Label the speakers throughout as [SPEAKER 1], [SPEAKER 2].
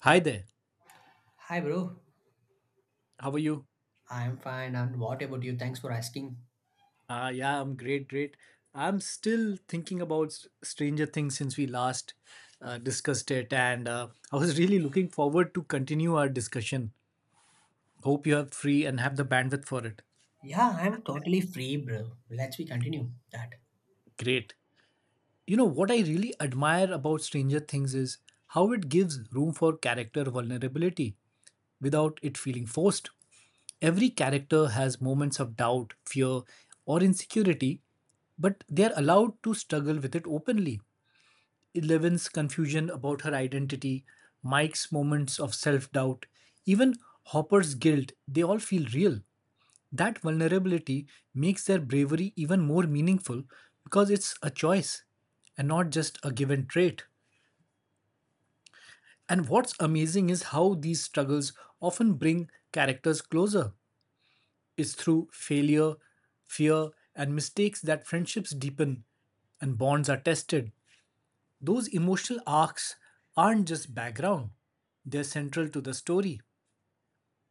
[SPEAKER 1] Hi there.
[SPEAKER 2] Hi, bro.
[SPEAKER 1] How are you?
[SPEAKER 2] I'm fine. And what about you? Thanks for asking.
[SPEAKER 1] Yeah, I'm great, great. I'm still thinking about Stranger Things since we last discussed it, and I was really looking forward to continue our discussion. Hope you are free and have the bandwidth for it.
[SPEAKER 2] Yeah, I'm totally free, bro. Let's we continue that.
[SPEAKER 1] Great. You know, what I really admire about Stranger Things is how it gives room for character vulnerability without it feeling forced. Every character has moments of doubt, fear, or insecurity, but they are allowed to struggle with it openly. Eleven's confusion about her identity, Mike's moments of self doubt, even Hopper's guilt, they all feel real. That vulnerability makes their bravery even more meaningful because it's a choice and not just a given trait. And what's amazing is how these struggles often bring characters closer. It's through failure, fear, and mistakes that friendships deepen and bonds are tested. Those emotional arcs aren't just background, they're central to the story.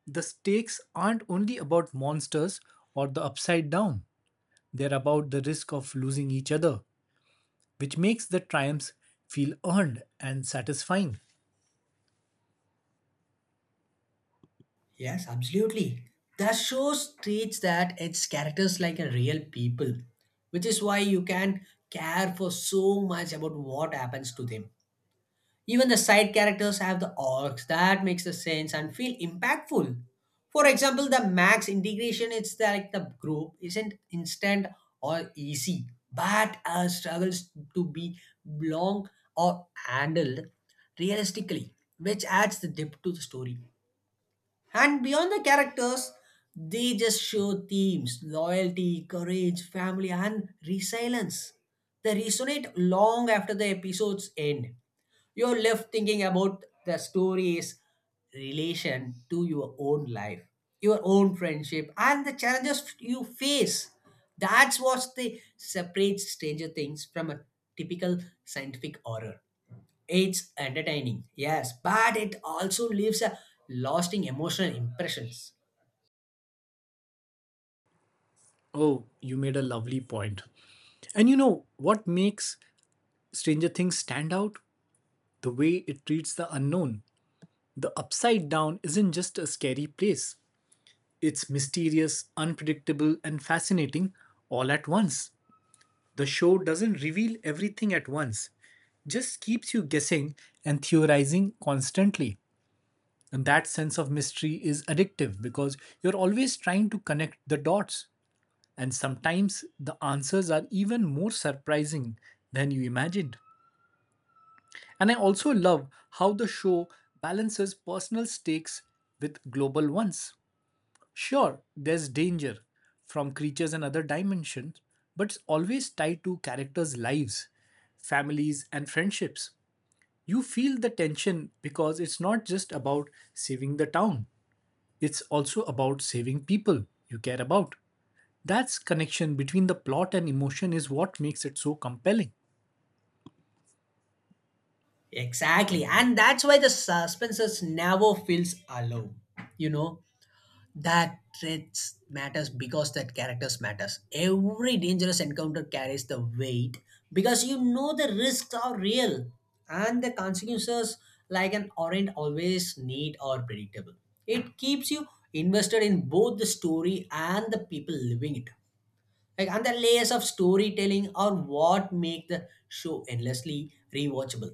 [SPEAKER 1] The stakes aren't only about monsters or the upside down, they're about the risk of losing each other, which makes the triumphs feel earned and satisfying.
[SPEAKER 2] Yes, absolutely. The show treats that its characters like a real people, which is why you can care for so much about what happens to them. Even the side characters have the arcs that makes the sense and feel impactful. For example, the Max integration, it's like the group isn't instant or easy, but struggles to be long or handled realistically, which adds the depth to the story. And beyond the characters, they just show themes loyalty, courage, family, and resilience. They resonate long after the episodes end. You're left thinking about the story's relation to your own life, your own friendship, and the challenges you face. That's what they separates Stranger Things from a typical scientific horror. It's entertaining, yes, but it also leaves a lasting emotional impressions.
[SPEAKER 1] Oh, you made a lovely point. And you know what makes Stranger Things stand out? The way it treats the unknown. The upside down isn't just a scary place, it's mysterious, unpredictable, and fascinating all at once. The show doesn't reveal everything at once, just keeps you guessing and theorizing constantly. And that sense of mystery is addictive because you're always trying to connect the dots. And sometimes the answers are even more surprising than you imagined. And I also love how the show balances personal stakes with global ones. Sure, there's danger from creatures and other dimensions, but it's always tied to characters' lives, families, and friendships. You feel the tension because it's not just about saving the town, it's also about saving people you care about. That's connection between the plot and emotion is what makes it so compelling.
[SPEAKER 2] Exactly, and that's why the suspense never feels alone. You know that threats matters because that characters matters. Every dangerous encounter carries the weight because you know the risks are real and the consequences, like an aren't always neat or predictable. It keeps you invested in both the story and the people living it. Like, and the layers of storytelling are what make the show endlessly rewatchable.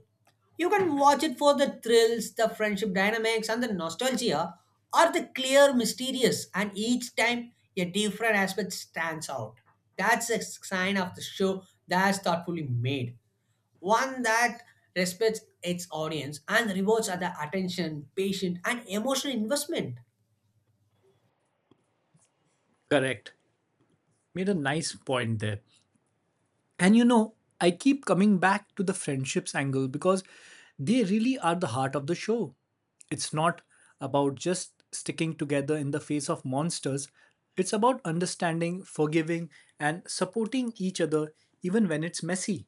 [SPEAKER 2] You can watch it for the thrills, the friendship dynamics, and the nostalgia, or the clear, mysterious, and each time a different aspect stands out. That's a sign of the show that's thoughtfully made. One that respects its audience and rewards the attention, patience, and emotional investment.
[SPEAKER 1] Correct. Made a nice point there. And you know, I keep coming back to the friendships angle because they really are the heart of the show. It's not about just sticking together in the face of monsters, it's about understanding, forgiving, and supporting each other even when it's messy.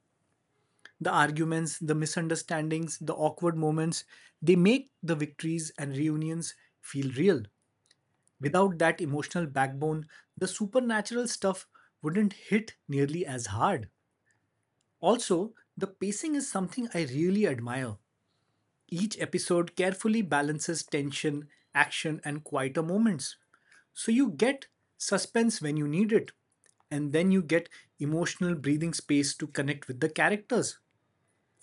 [SPEAKER 1] The arguments, the misunderstandings, the awkward moments, they make the victories and reunions feel real. Without that emotional backbone, the supernatural stuff wouldn't hit nearly as hard. Also, the pacing is something I really admire. Each episode carefully balances tension, action, and quieter moments. So you get suspense when you need it, and then you get emotional breathing space to connect with the characters.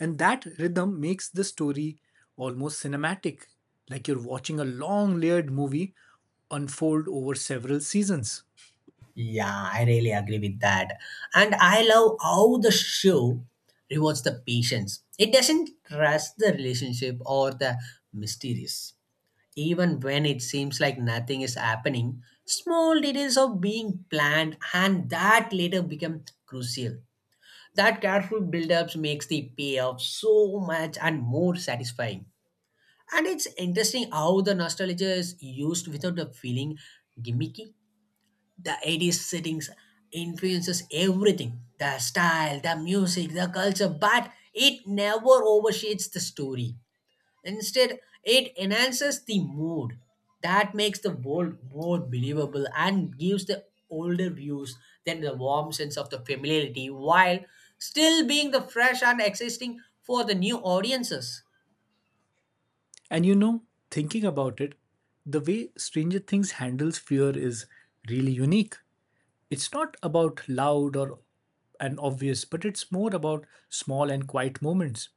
[SPEAKER 1] And that rhythm makes the story almost cinematic, like you're watching a long layered movie unfold over several seasons.
[SPEAKER 2] Yeah, I really agree with that. And I love how the show rewards the patience. It doesn't rush the relationship or the mysterious. Even when it seems like nothing is happening, small details are being planned and that later become crucial. That careful build-ups makes the payoff so much and more satisfying. And it's interesting how the nostalgia is used without the feeling gimmicky. The eighties settings influences everything, the style, the music, the culture, but it never overshades the story. Instead, it enhances the mood that makes the world more believable and gives the older views than the warm sense of the familiarity while still being the fresh and existing for the new audiences.
[SPEAKER 1] And you know, thinking about it, the way Stranger Things handles fear is really unique. It's not about loud or and obvious, but it's more about small and quiet moments.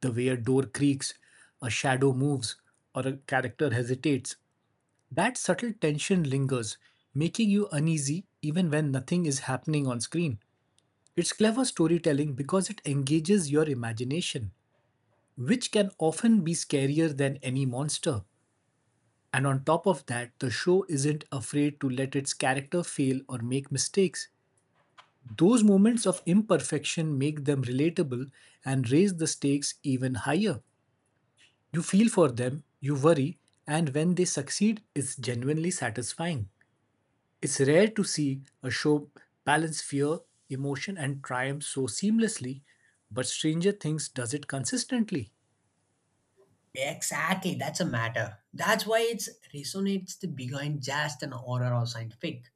[SPEAKER 1] The way a door creaks, a shadow moves, or a character hesitates. That subtle tension lingers, making you uneasy even when nothing is happening on screen. It's clever storytelling because it engages your imagination, which can often be scarier than any monster. And on top of that, the show isn't afraid to let its character fail or make mistakes. Those moments of imperfection make them relatable and raise the stakes even higher. You feel for them, you worry, and when they succeed, it's genuinely satisfying. It's rare to see a show balance fear, emotion, and triumph so seamlessly, but Stranger Things does it consistently.
[SPEAKER 2] Exactly, that's a matter, that's why it's resonates the behind just an horror or scientific.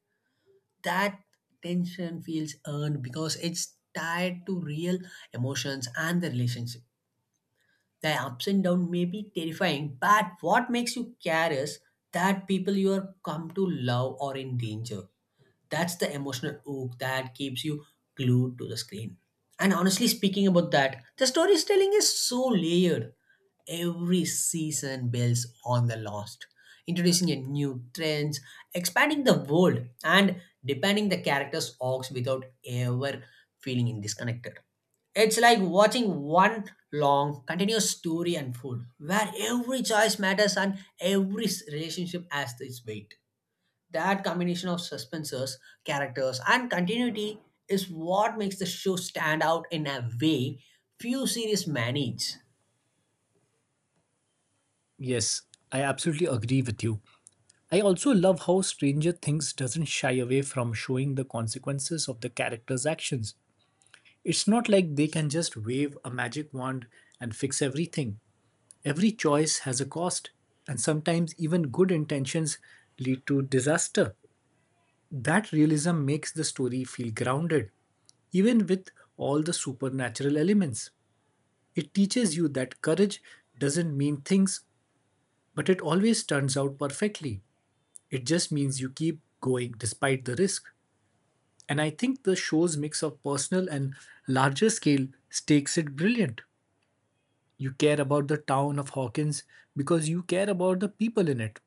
[SPEAKER 2] That tension feels earned because it's tied to real emotions and the relationship. The ups and downs may be terrifying, but what makes you care is that people you are come to love are in danger. That's the emotional hook that keeps you glued to the screen. And honestly speaking about that, the storytelling is so layered. Every season builds on the last, introducing a new trends, expanding the world, and deepening the characters' arcs without ever feeling disconnected. It's like watching one long, continuous story unfold, where every choice matters and every relationship has its weight. That combination of suspenses, characters, and continuity is what makes the show stand out in a way few series manage.
[SPEAKER 1] Yes, I absolutely agree with you. I also love how Stranger Things doesn't shy away from showing the consequences of the characters' actions. It's not like they can just wave a magic wand and fix everything. Every choice has a cost, and sometimes even good intentions lead to disaster. That realism makes the story feel grounded, even with all the supernatural elements. It teaches you that courage doesn't mean things, but it always turns out perfectly. It just means you keep going despite the risk. And I think the show's mix of personal and larger scale stakes it brilliant. You care about the town of Hawkins because you care about the people in it.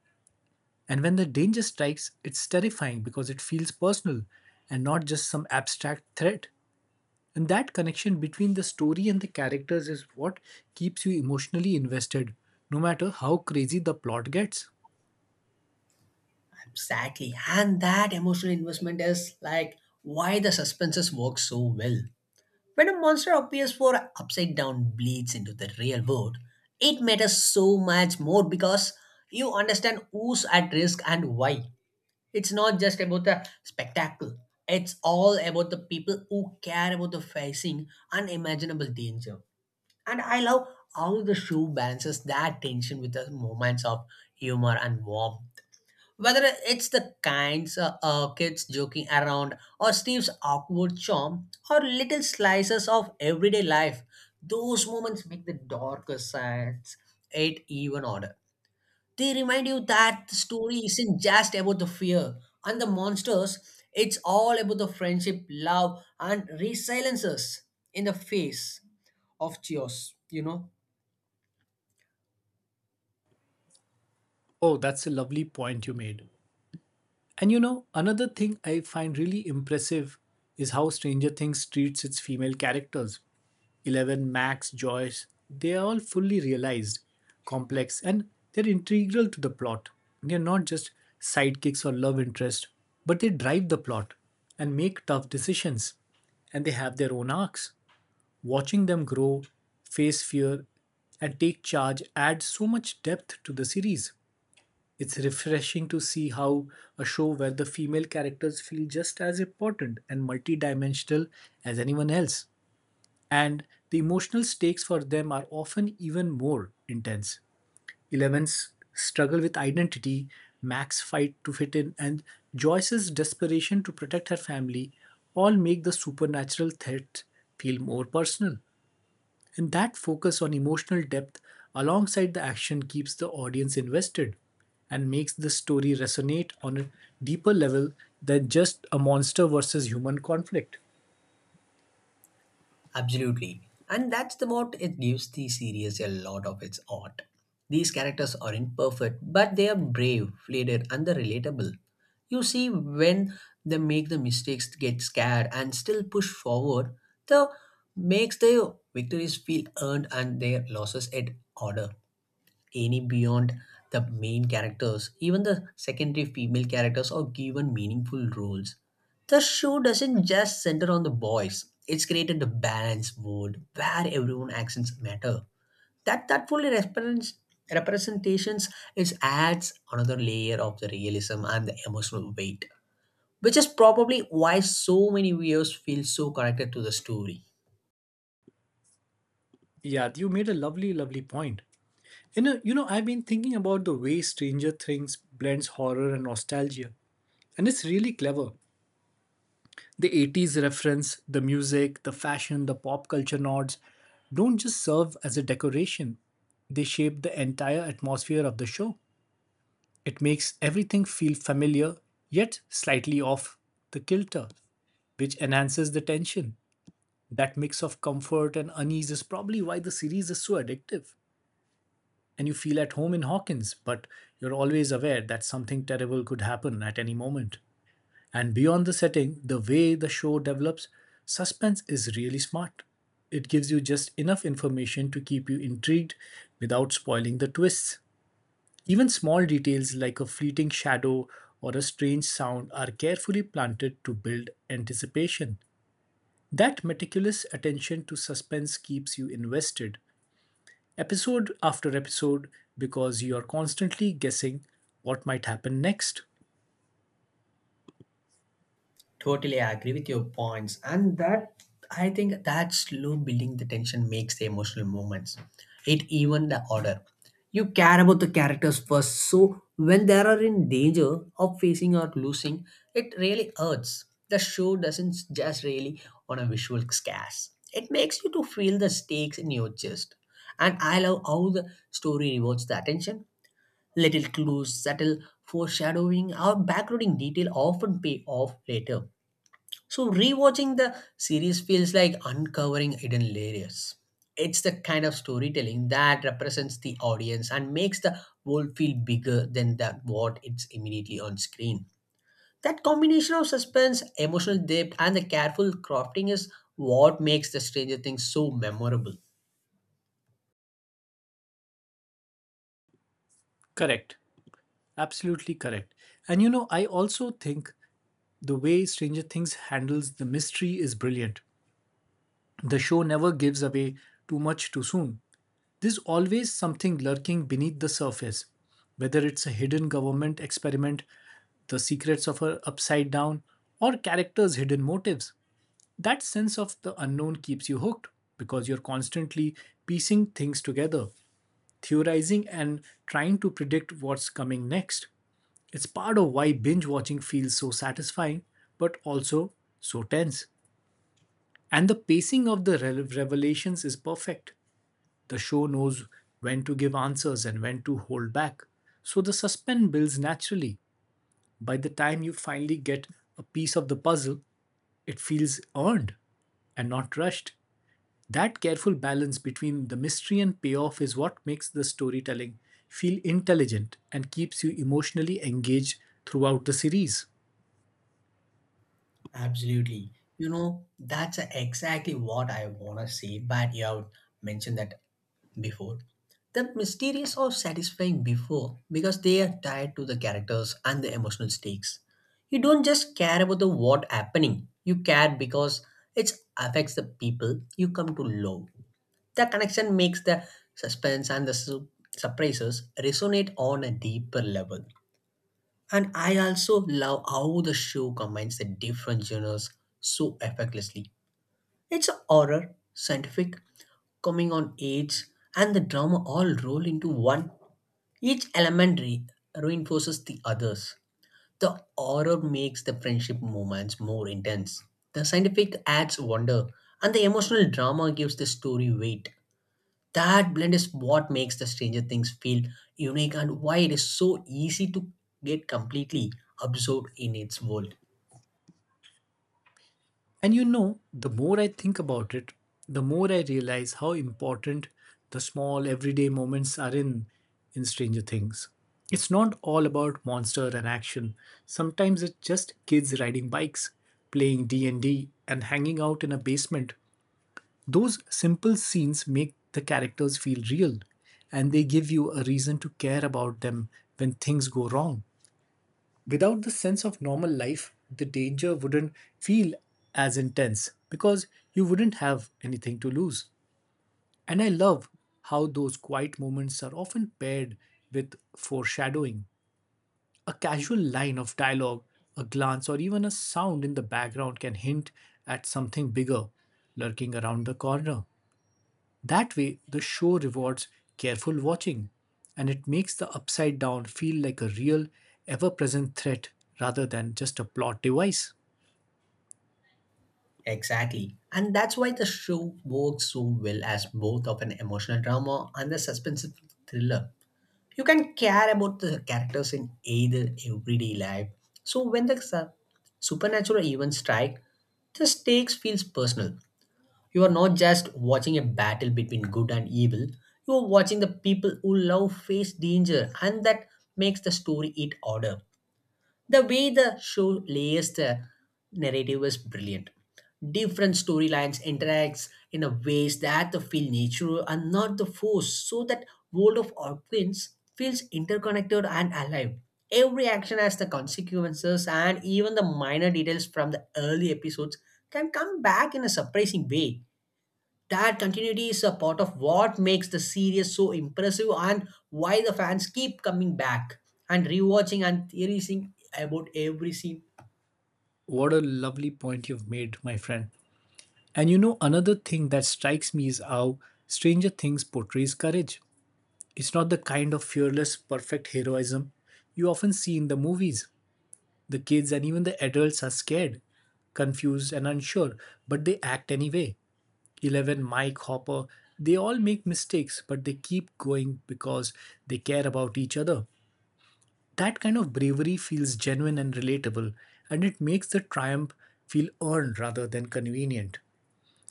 [SPEAKER 1] And when the danger strikes, it's terrifying because it feels personal and not just some abstract threat. And that connection between the story and the characters is what keeps you emotionally invested, no matter how crazy the plot gets.
[SPEAKER 2] Exactly. And that emotional investment is like why the suspenses work so well. When a monster appears for upside down bleeds into the real world, it matters so much more because you understand who's at risk and why. It's not just about the spectacle. It's all about the people who care about the facing unimaginable danger. And I love how the show balances that tension with the moments of humor and warmth. Whether it's the kinds kids joking around, or Steve's awkward charm, or little slices of everyday life, those moments make the darker sides it even odder. They remind you that the story isn't just about the fear and the monsters, it's all about the friendship, love, and resiliences in the face of chaos.
[SPEAKER 1] Oh, that's a lovely point you made. And you know, another thing I find really impressive is how Stranger Things treats its female characters. Eleven, Max, Joyce, they are all fully realized, complex, and they're integral to the plot. They're not just sidekicks or love interest, but they drive the plot and make tough decisions. And they have their own arcs. Watching them grow, face fear, and take charge adds so much depth to the series. It's refreshing to see how a show where the female characters feel just as important and multidimensional as anyone else, and the emotional stakes for them are often even more intense. Eleven's struggle with identity, Mac's fight to fit in, and Joyce's desperation to protect her family all make the supernatural threat feel more personal. And that focus on emotional depth alongside the action keeps the audience invested and makes the story resonate on a deeper level than just a monster versus human conflict.
[SPEAKER 2] Absolutely. And that's the what it gives the series a lot of its art. These characters are imperfect, but they are brave, flated, and they're relatable. You see, when they make the mistakes, get scared, and still push forward, the makes their victories feel earned and their losses at order any beyond the main characters. Even the secondary female characters are given meaningful roles. The show doesn't just center on the boys. It's created a balanced world where everyone's actions matter. That fully represents representations is adds another layer of the realism and the emotional weight, which is probably why so many viewers feel so connected to the story.
[SPEAKER 1] Yeah, you made a lovely, lovely point. In a, you know, I've been thinking about the way Stranger Things blends horror and nostalgia, and it's really clever. The 80s reference, the music, the fashion, the pop culture nods don't just serve as a decoration, they shape the entire atmosphere of the show. It makes everything feel familiar yet slightly off the kilter, which enhances the tension. That mix of comfort and unease is probably why the series is so addictive. And you feel at home in Hawkins, but you're always aware that something terrible could happen at any moment. And beyond the setting, the way the show develops, suspense is really smart. It gives you just enough information to keep you intrigued without spoiling the twists. Even small details like a fleeting shadow or a strange sound are carefully planted to build anticipation. That meticulous attention to suspense keeps you invested, episode after episode, because you are constantly guessing what might happen next.
[SPEAKER 2] Totally agree with your points. And that, I think that slow building the tension makes the emotional moments. It even the order. You care about the characters first. So when they are in danger of facing or losing, it really hurts. The show doesn't just really on a visual scarce. It makes you to feel the stakes in your chest. And I love how the story rewards the attention. Little clues, subtle foreshadowing, or backgrounding detail often pay off later, so rewatching the series feels like uncovering hidden layers. It's the kind of storytelling that represents the audience and makes the world feel bigger than that what it's immediately on screen. That combination of suspense, emotional depth, and the careful crafting is what makes the Stranger Things so memorable.
[SPEAKER 1] Correct. Absolutely correct. And you know, I also think the way Stranger Things handles the mystery is brilliant. The show never gives away too much too soon. There's always something lurking beneath the surface, whether it's a hidden government experiment, the secrets of her upside down, or characters' hidden motives. That sense of the unknown keeps you hooked because you're constantly piecing things together, theorizing, and trying to predict what's coming next. It's part of why binge watching feels so satisfying, but also so tense. And the pacing of the revelations is perfect. The show knows when to give answers and when to hold back. So the suspense builds naturally. By the time you finally get a piece of the puzzle, it feels earned and not rushed. That careful balance between the mystery and payoff is what makes the storytelling feel intelligent and keeps you emotionally engaged throughout the series.
[SPEAKER 2] Absolutely. You know, that's exactly what I want to say, but you have mentioned that before. The mysterious or satisfying before because they are tied to the characters and the emotional stakes. You don't just care about the what happening. You care because it affects the people you come to love. The connection makes the suspense and the surprises resonate on a deeper level. And I also love how the show combines the different genres so effortlessly. It's a horror, scientific, coming on age, and the drama all roll into one. Each element reinforces the others. The horror makes the friendship moments more intense. The scientific adds wonder, and the emotional drama gives the story weight. That blend is what makes the Stranger Things feel unique, and why it is so easy to get completely absorbed in its world.
[SPEAKER 1] And you know, the more I think about it, the more I realize how important the small everyday moments are in Stranger Things. It's not all about monster and action. Sometimes it's just kids riding bikes, playing D&D and D, and hanging out in a basement. Those simple scenes make the characters feel real and they give you a reason to care about them when things go wrong. Without the sense of normal life, the danger wouldn't feel as intense because you wouldn't have anything to lose. And I love how those quiet moments are often paired with foreshadowing. A casual line of dialogue, a glance, or even a sound in the background can hint at something bigger lurking around the corner. That way, the show rewards careful watching and it makes the upside down feel like a real, ever present threat rather than just a plot device.
[SPEAKER 2] Exactly, and that's why the show works so well as both of an emotional drama and a suspensive thriller. You can care about the characters in either everyday life, so when the supernatural events strike, the stakes feels personal. You are not just watching a battle between good and evil, you are watching the people who love face danger, and that makes the story eat order. The way the show layers the narrative is brilliant. Different storylines interacts in a ways that the feel natural and not the force, so that world of Orphans feels interconnected and alive. Every action has the consequences, and even the minor details from the early episodes can come back in a surprising way. That continuity is a part of what makes the series so impressive and why the fans keep coming back and rewatching and theorizing about every scene.
[SPEAKER 1] What a lovely point you've made, my friend. And you know, another thing that strikes me is how Stranger Things portrays courage. It's not the kind of fearless, perfect heroism you often see in the movies. The kids and even the adults are scared, confused, and unsure, but they act anyway. Eleven, Mike Hopper, they all make mistakes, but they keep going because they care about each other. That kind of bravery feels genuine and relatable, and it makes the triumph feel earned rather than convenient.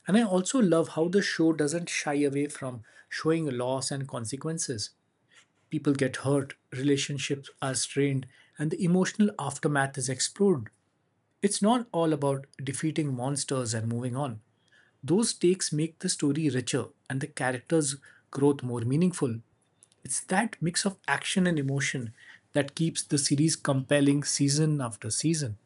[SPEAKER 1] And I also love how the show doesn't shy away from showing loss and consequences. People get hurt, relationships are strained, and the emotional aftermath is explored. It's not all about defeating monsters and moving on. Those takes make the story richer and the characters' growth more meaningful. It's that mix of action and emotion that keeps the series compelling season after season.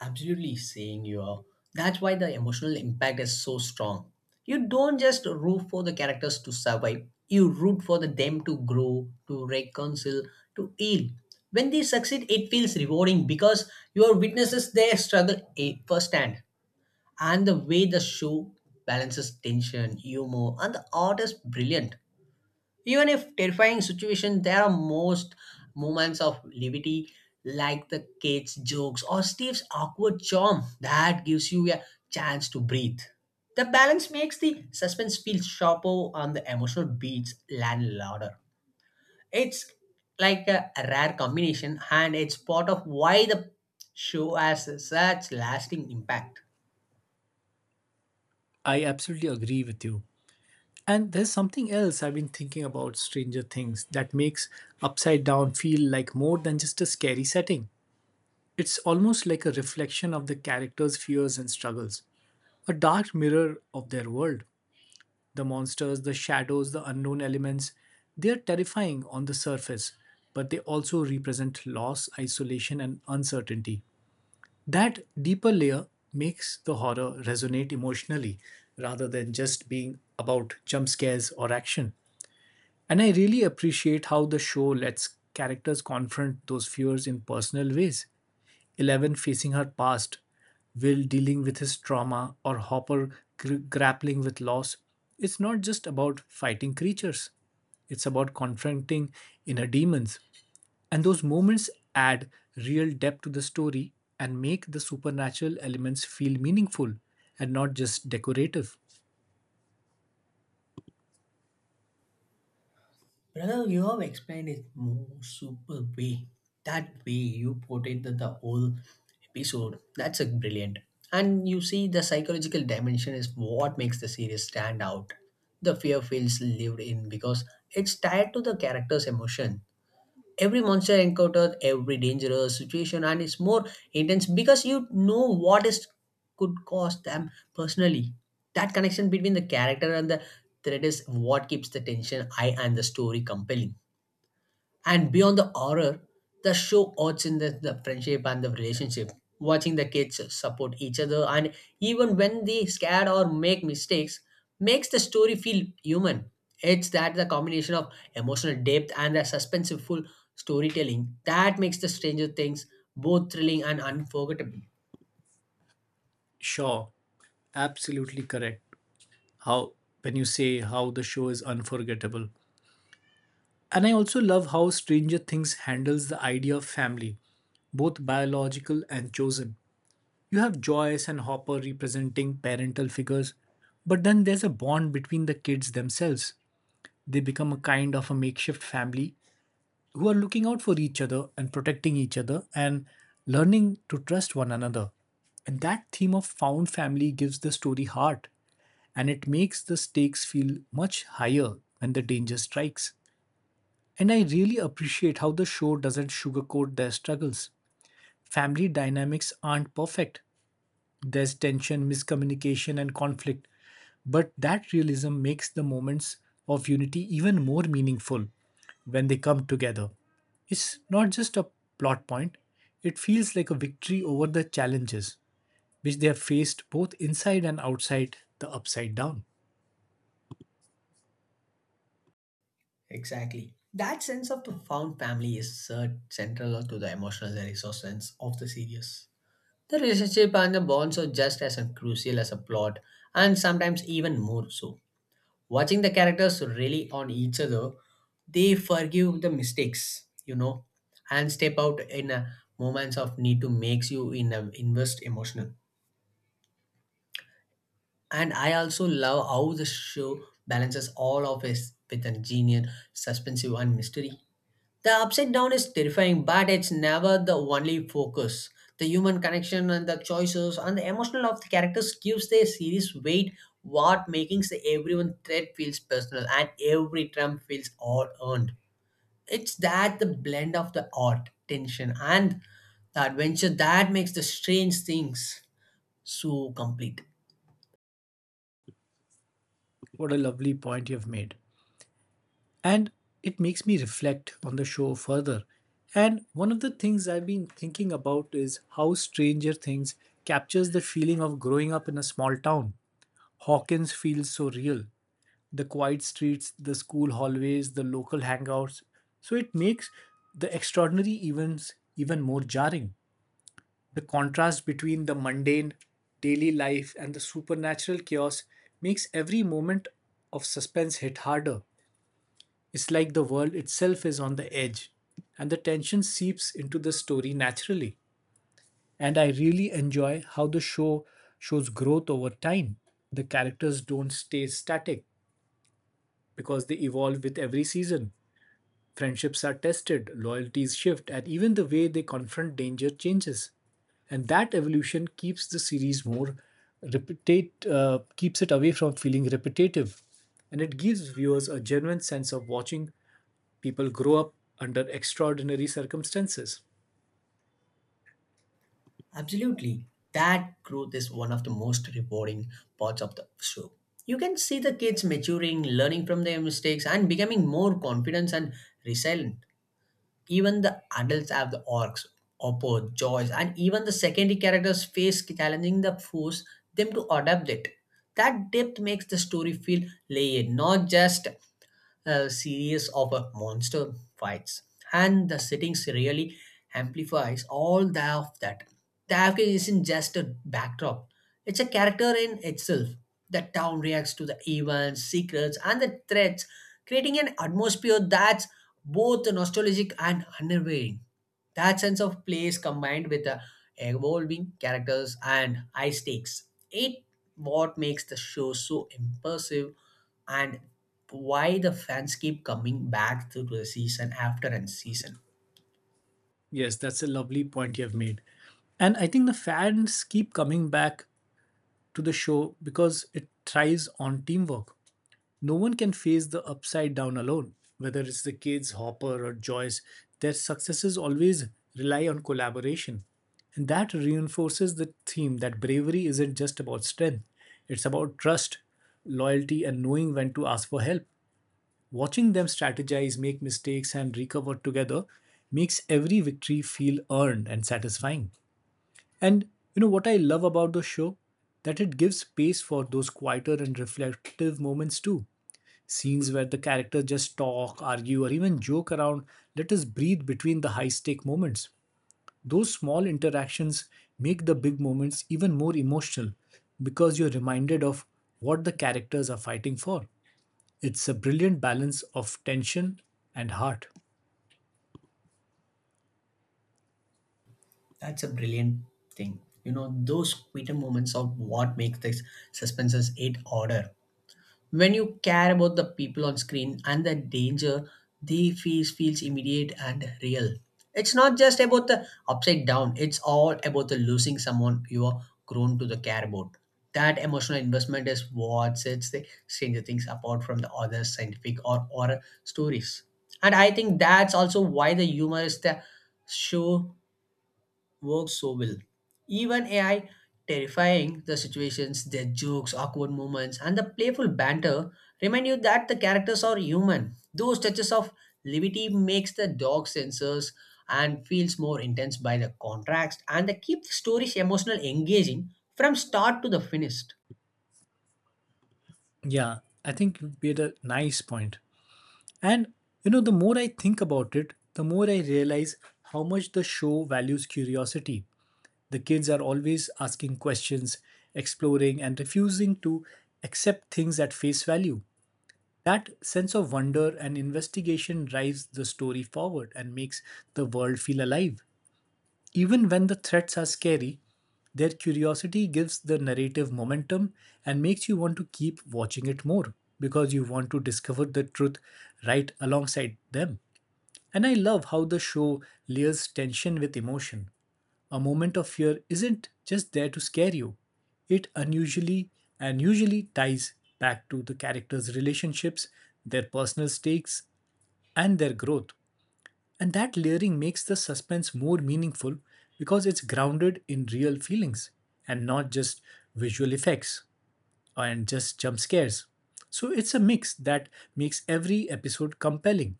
[SPEAKER 2] Absolutely saying you are. That's why the emotional impact is so strong. You don't just root for the characters to survive, you root for them to grow, to reconcile, to heal. When they succeed, it feels rewarding because you are witnesses their struggle firsthand. And the way the show balances tension, humor, and the art is brilliant. Even if terrifying situation, there are most moments of levity, like the kids' jokes or Steve's awkward charm that gives you a chance to breathe. The balance makes the suspense feel sharper and the emotional beats land louder. It's like a rare combination, and it's part of why the show has such lasting impact.
[SPEAKER 1] I absolutely agree with you. And there's something else I've been thinking about Stranger Things that makes Upside Down feel like more than just a scary setting. It's almost like a reflection of the characters' fears and struggles, a dark mirror of their world. The monsters, the shadows, the unknown elements, they are terrifying on the surface, but they also represent loss, isolation, and uncertainty. That deeper layer makes the horror resonate emotionally rather than just being about jump scares or action. And I really appreciate how the show lets characters confront those fears in personal ways. Eleven facing her past, Will dealing with his trauma, or Hopper grappling with loss. It's not just about fighting creatures, it's about confronting inner demons. And those moments add real depth to the story and make the supernatural elements feel meaningful and not just decorative.
[SPEAKER 2] Brother, you have explained it more super way. That way you portrayed the whole episode. That's a brilliant. And you see the psychological dimension is what makes the series stand out. The fear feels lived in because it's tied to the character's emotion. Every monster encounter, every dangerous situation, and it's more intense because you know what is could cause them personally. That connection between the character and the threat is what keeps the tension high and the story compelling. And beyond the horror, the show odds in the friendship and the relationship. Watching the kids support each other and even when they scared or make mistakes makes the story feel human. It's that the combination of emotional depth and the suspenseful storytelling that makes the Stranger Things both thrilling and unforgettable.
[SPEAKER 1] Sure, absolutely correct. How when you say how the show is unforgettable. And I also love how Stranger Things handles the idea of family, both biological and chosen. You have Joyce and Hopper representing parental figures, but then there's a bond between the kids themselves. They become a kind of a makeshift family who are looking out for each other and protecting each other and learning to trust one another. And that theme of found family gives the story heart and it makes the stakes feel much higher when the danger strikes. And I really appreciate how the show doesn't sugarcoat their struggles. Family dynamics aren't perfect. There's tension, miscommunication, and conflict. But that realism makes the moments of unity even more meaningful when they come together. It's not just a plot point, it feels like a victory over the challenges which they have faced both inside and outside the upside down.
[SPEAKER 2] Exactly. That sense of profound family is central to the emotional resonance of the series. The relationship and the bonds are just as crucial as a plot, and sometimes even more so. Watching the characters rely on each other, they forgive the mistakes, and step out in a moments of need to makes you invest emotional. And I also love how the show balances all of it with a genius, suspensive, and mystery. The upside down is terrifying, but it's never the only focus. The human connection and the choices and the emotional of the characters gives the series weight. What making the everyone thread feels personal and every trump feels all earned. It's that the blend of the art, tension, and the adventure that makes the strange things so complete.
[SPEAKER 1] What a lovely point you've made. And it makes me reflect on the show further. And one of the things I've been thinking about is how Stranger Things captures the feeling of growing up in a small town. Hawkins feels so real. The quiet streets, the school hallways, the local hangouts. So it makes the extraordinary events even more jarring. The contrast between the mundane daily life and the supernatural chaos makes every moment of suspense hit harder. It's like the world itself is on the edge, and the tension seeps into the story naturally. And I really enjoy how the show shows growth over time. The characters don't stay static because they evolve with every season. Friendships are tested, loyalties shift, and even the way they confront danger changes. And that evolution keeps the series more keeps it away from feeling repetitive and it gives viewers a genuine sense of watching people grow up under extraordinary circumstances.
[SPEAKER 2] Absolutely. That growth is one of the most rewarding parts of the show. You can see the kids maturing, learning from their mistakes, and becoming more confident and resilient. Even the adults have the orcs, Oppo, Joyce, and even the secondary characters face challenging the force them to adapt it. That depth makes the story feel layered, not just a series of monster fights. And the settings really amplifies all the of that. The Afghan isn't just a backdrop. It's a character in itself. The town reacts to the events, secrets, and the threats, creating an atmosphere that's both nostalgic and unnerving. That sense of place combined with the evolving characters and high stakes. It what makes the show so impressive and why the fans keep coming back to the season after and season.
[SPEAKER 1] Yes, that's a lovely point you have made. And I think the fans keep coming back to the show because it thrives on teamwork. No one can face the upside down alone. Whether it's the kids, Hopper, or Joyce, their successes always rely on collaboration. And that reinforces the theme that bravery isn't just about strength, it's about trust, loyalty, and knowing when to ask for help. Watching them strategize, make mistakes, and recover together makes every victory feel earned and satisfying. And you know what I love about the show? That it gives space for those quieter and reflective moments too. Scenes where the characters just talk, argue, or even joke around let us breathe between the high stake moments. Those small interactions make the big moments even more emotional because you're reminded of what the characters are fighting for. It's a brilliant balance of tension and heart.
[SPEAKER 2] That's a brilliant thing. You know, those quitter moments are what makes this suspenses it order. When you care about the people on screen and the danger, they feels immediate and real. It's not just about the upside down. It's all about the losing someone you are grown to the care about. That emotional investment is what sets the Stranger Things apart from the other scientific or horror stories. And I think that's also why the humor is the show works so well. Even AI terrifying the situations, their jokes, awkward moments, and the playful banter remind you that the characters are human. Those touches of levity makes the dog sensors and feels more intense by the contrast and they keep the stories emotional engaging from start to the finished.
[SPEAKER 1] Yeah, I think you made a nice point. And you know, the more I think about it, the more I realize how much the show values curiosity. The kids are always asking questions, exploring, and refusing to accept things at face value. That sense of wonder and investigation drives the story forward and makes the world feel alive. Even when the threats are scary, their curiosity gives the narrative momentum and makes you want to keep watching it more because you want to discover the truth right alongside them. And I love how the show layers tension with emotion. A moment of fear isn't just there to scare you, it unusually and usually ties back to the characters' relationships, their personal stakes, and their growth. And that layering makes the suspense more meaningful because it's grounded in real feelings and not just visual effects and just jump scares. So it's a mix that makes every episode compelling.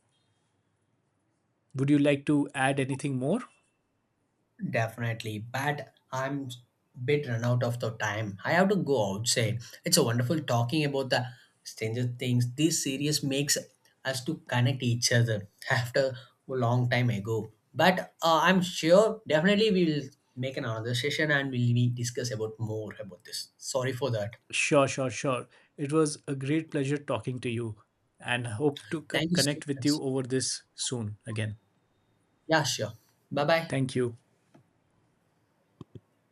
[SPEAKER 1] Would you like to add anything more?
[SPEAKER 2] Definitely, but I'm a bit run out of the time. I have to go outside. It's a wonderful talking about the Stranger Things. This series makes us to connect each other after a long time ago. But I'm sure definitely we'll make another session and we'll be discuss about more about this. Sorry for that.
[SPEAKER 1] Sure, sure, sure. It was a great pleasure talking to you and hope to
[SPEAKER 2] Thank you so
[SPEAKER 1] connect with
[SPEAKER 2] much.
[SPEAKER 1] you over this soon again.
[SPEAKER 2] Yeah, sure. Bye bye.
[SPEAKER 1] Thank you.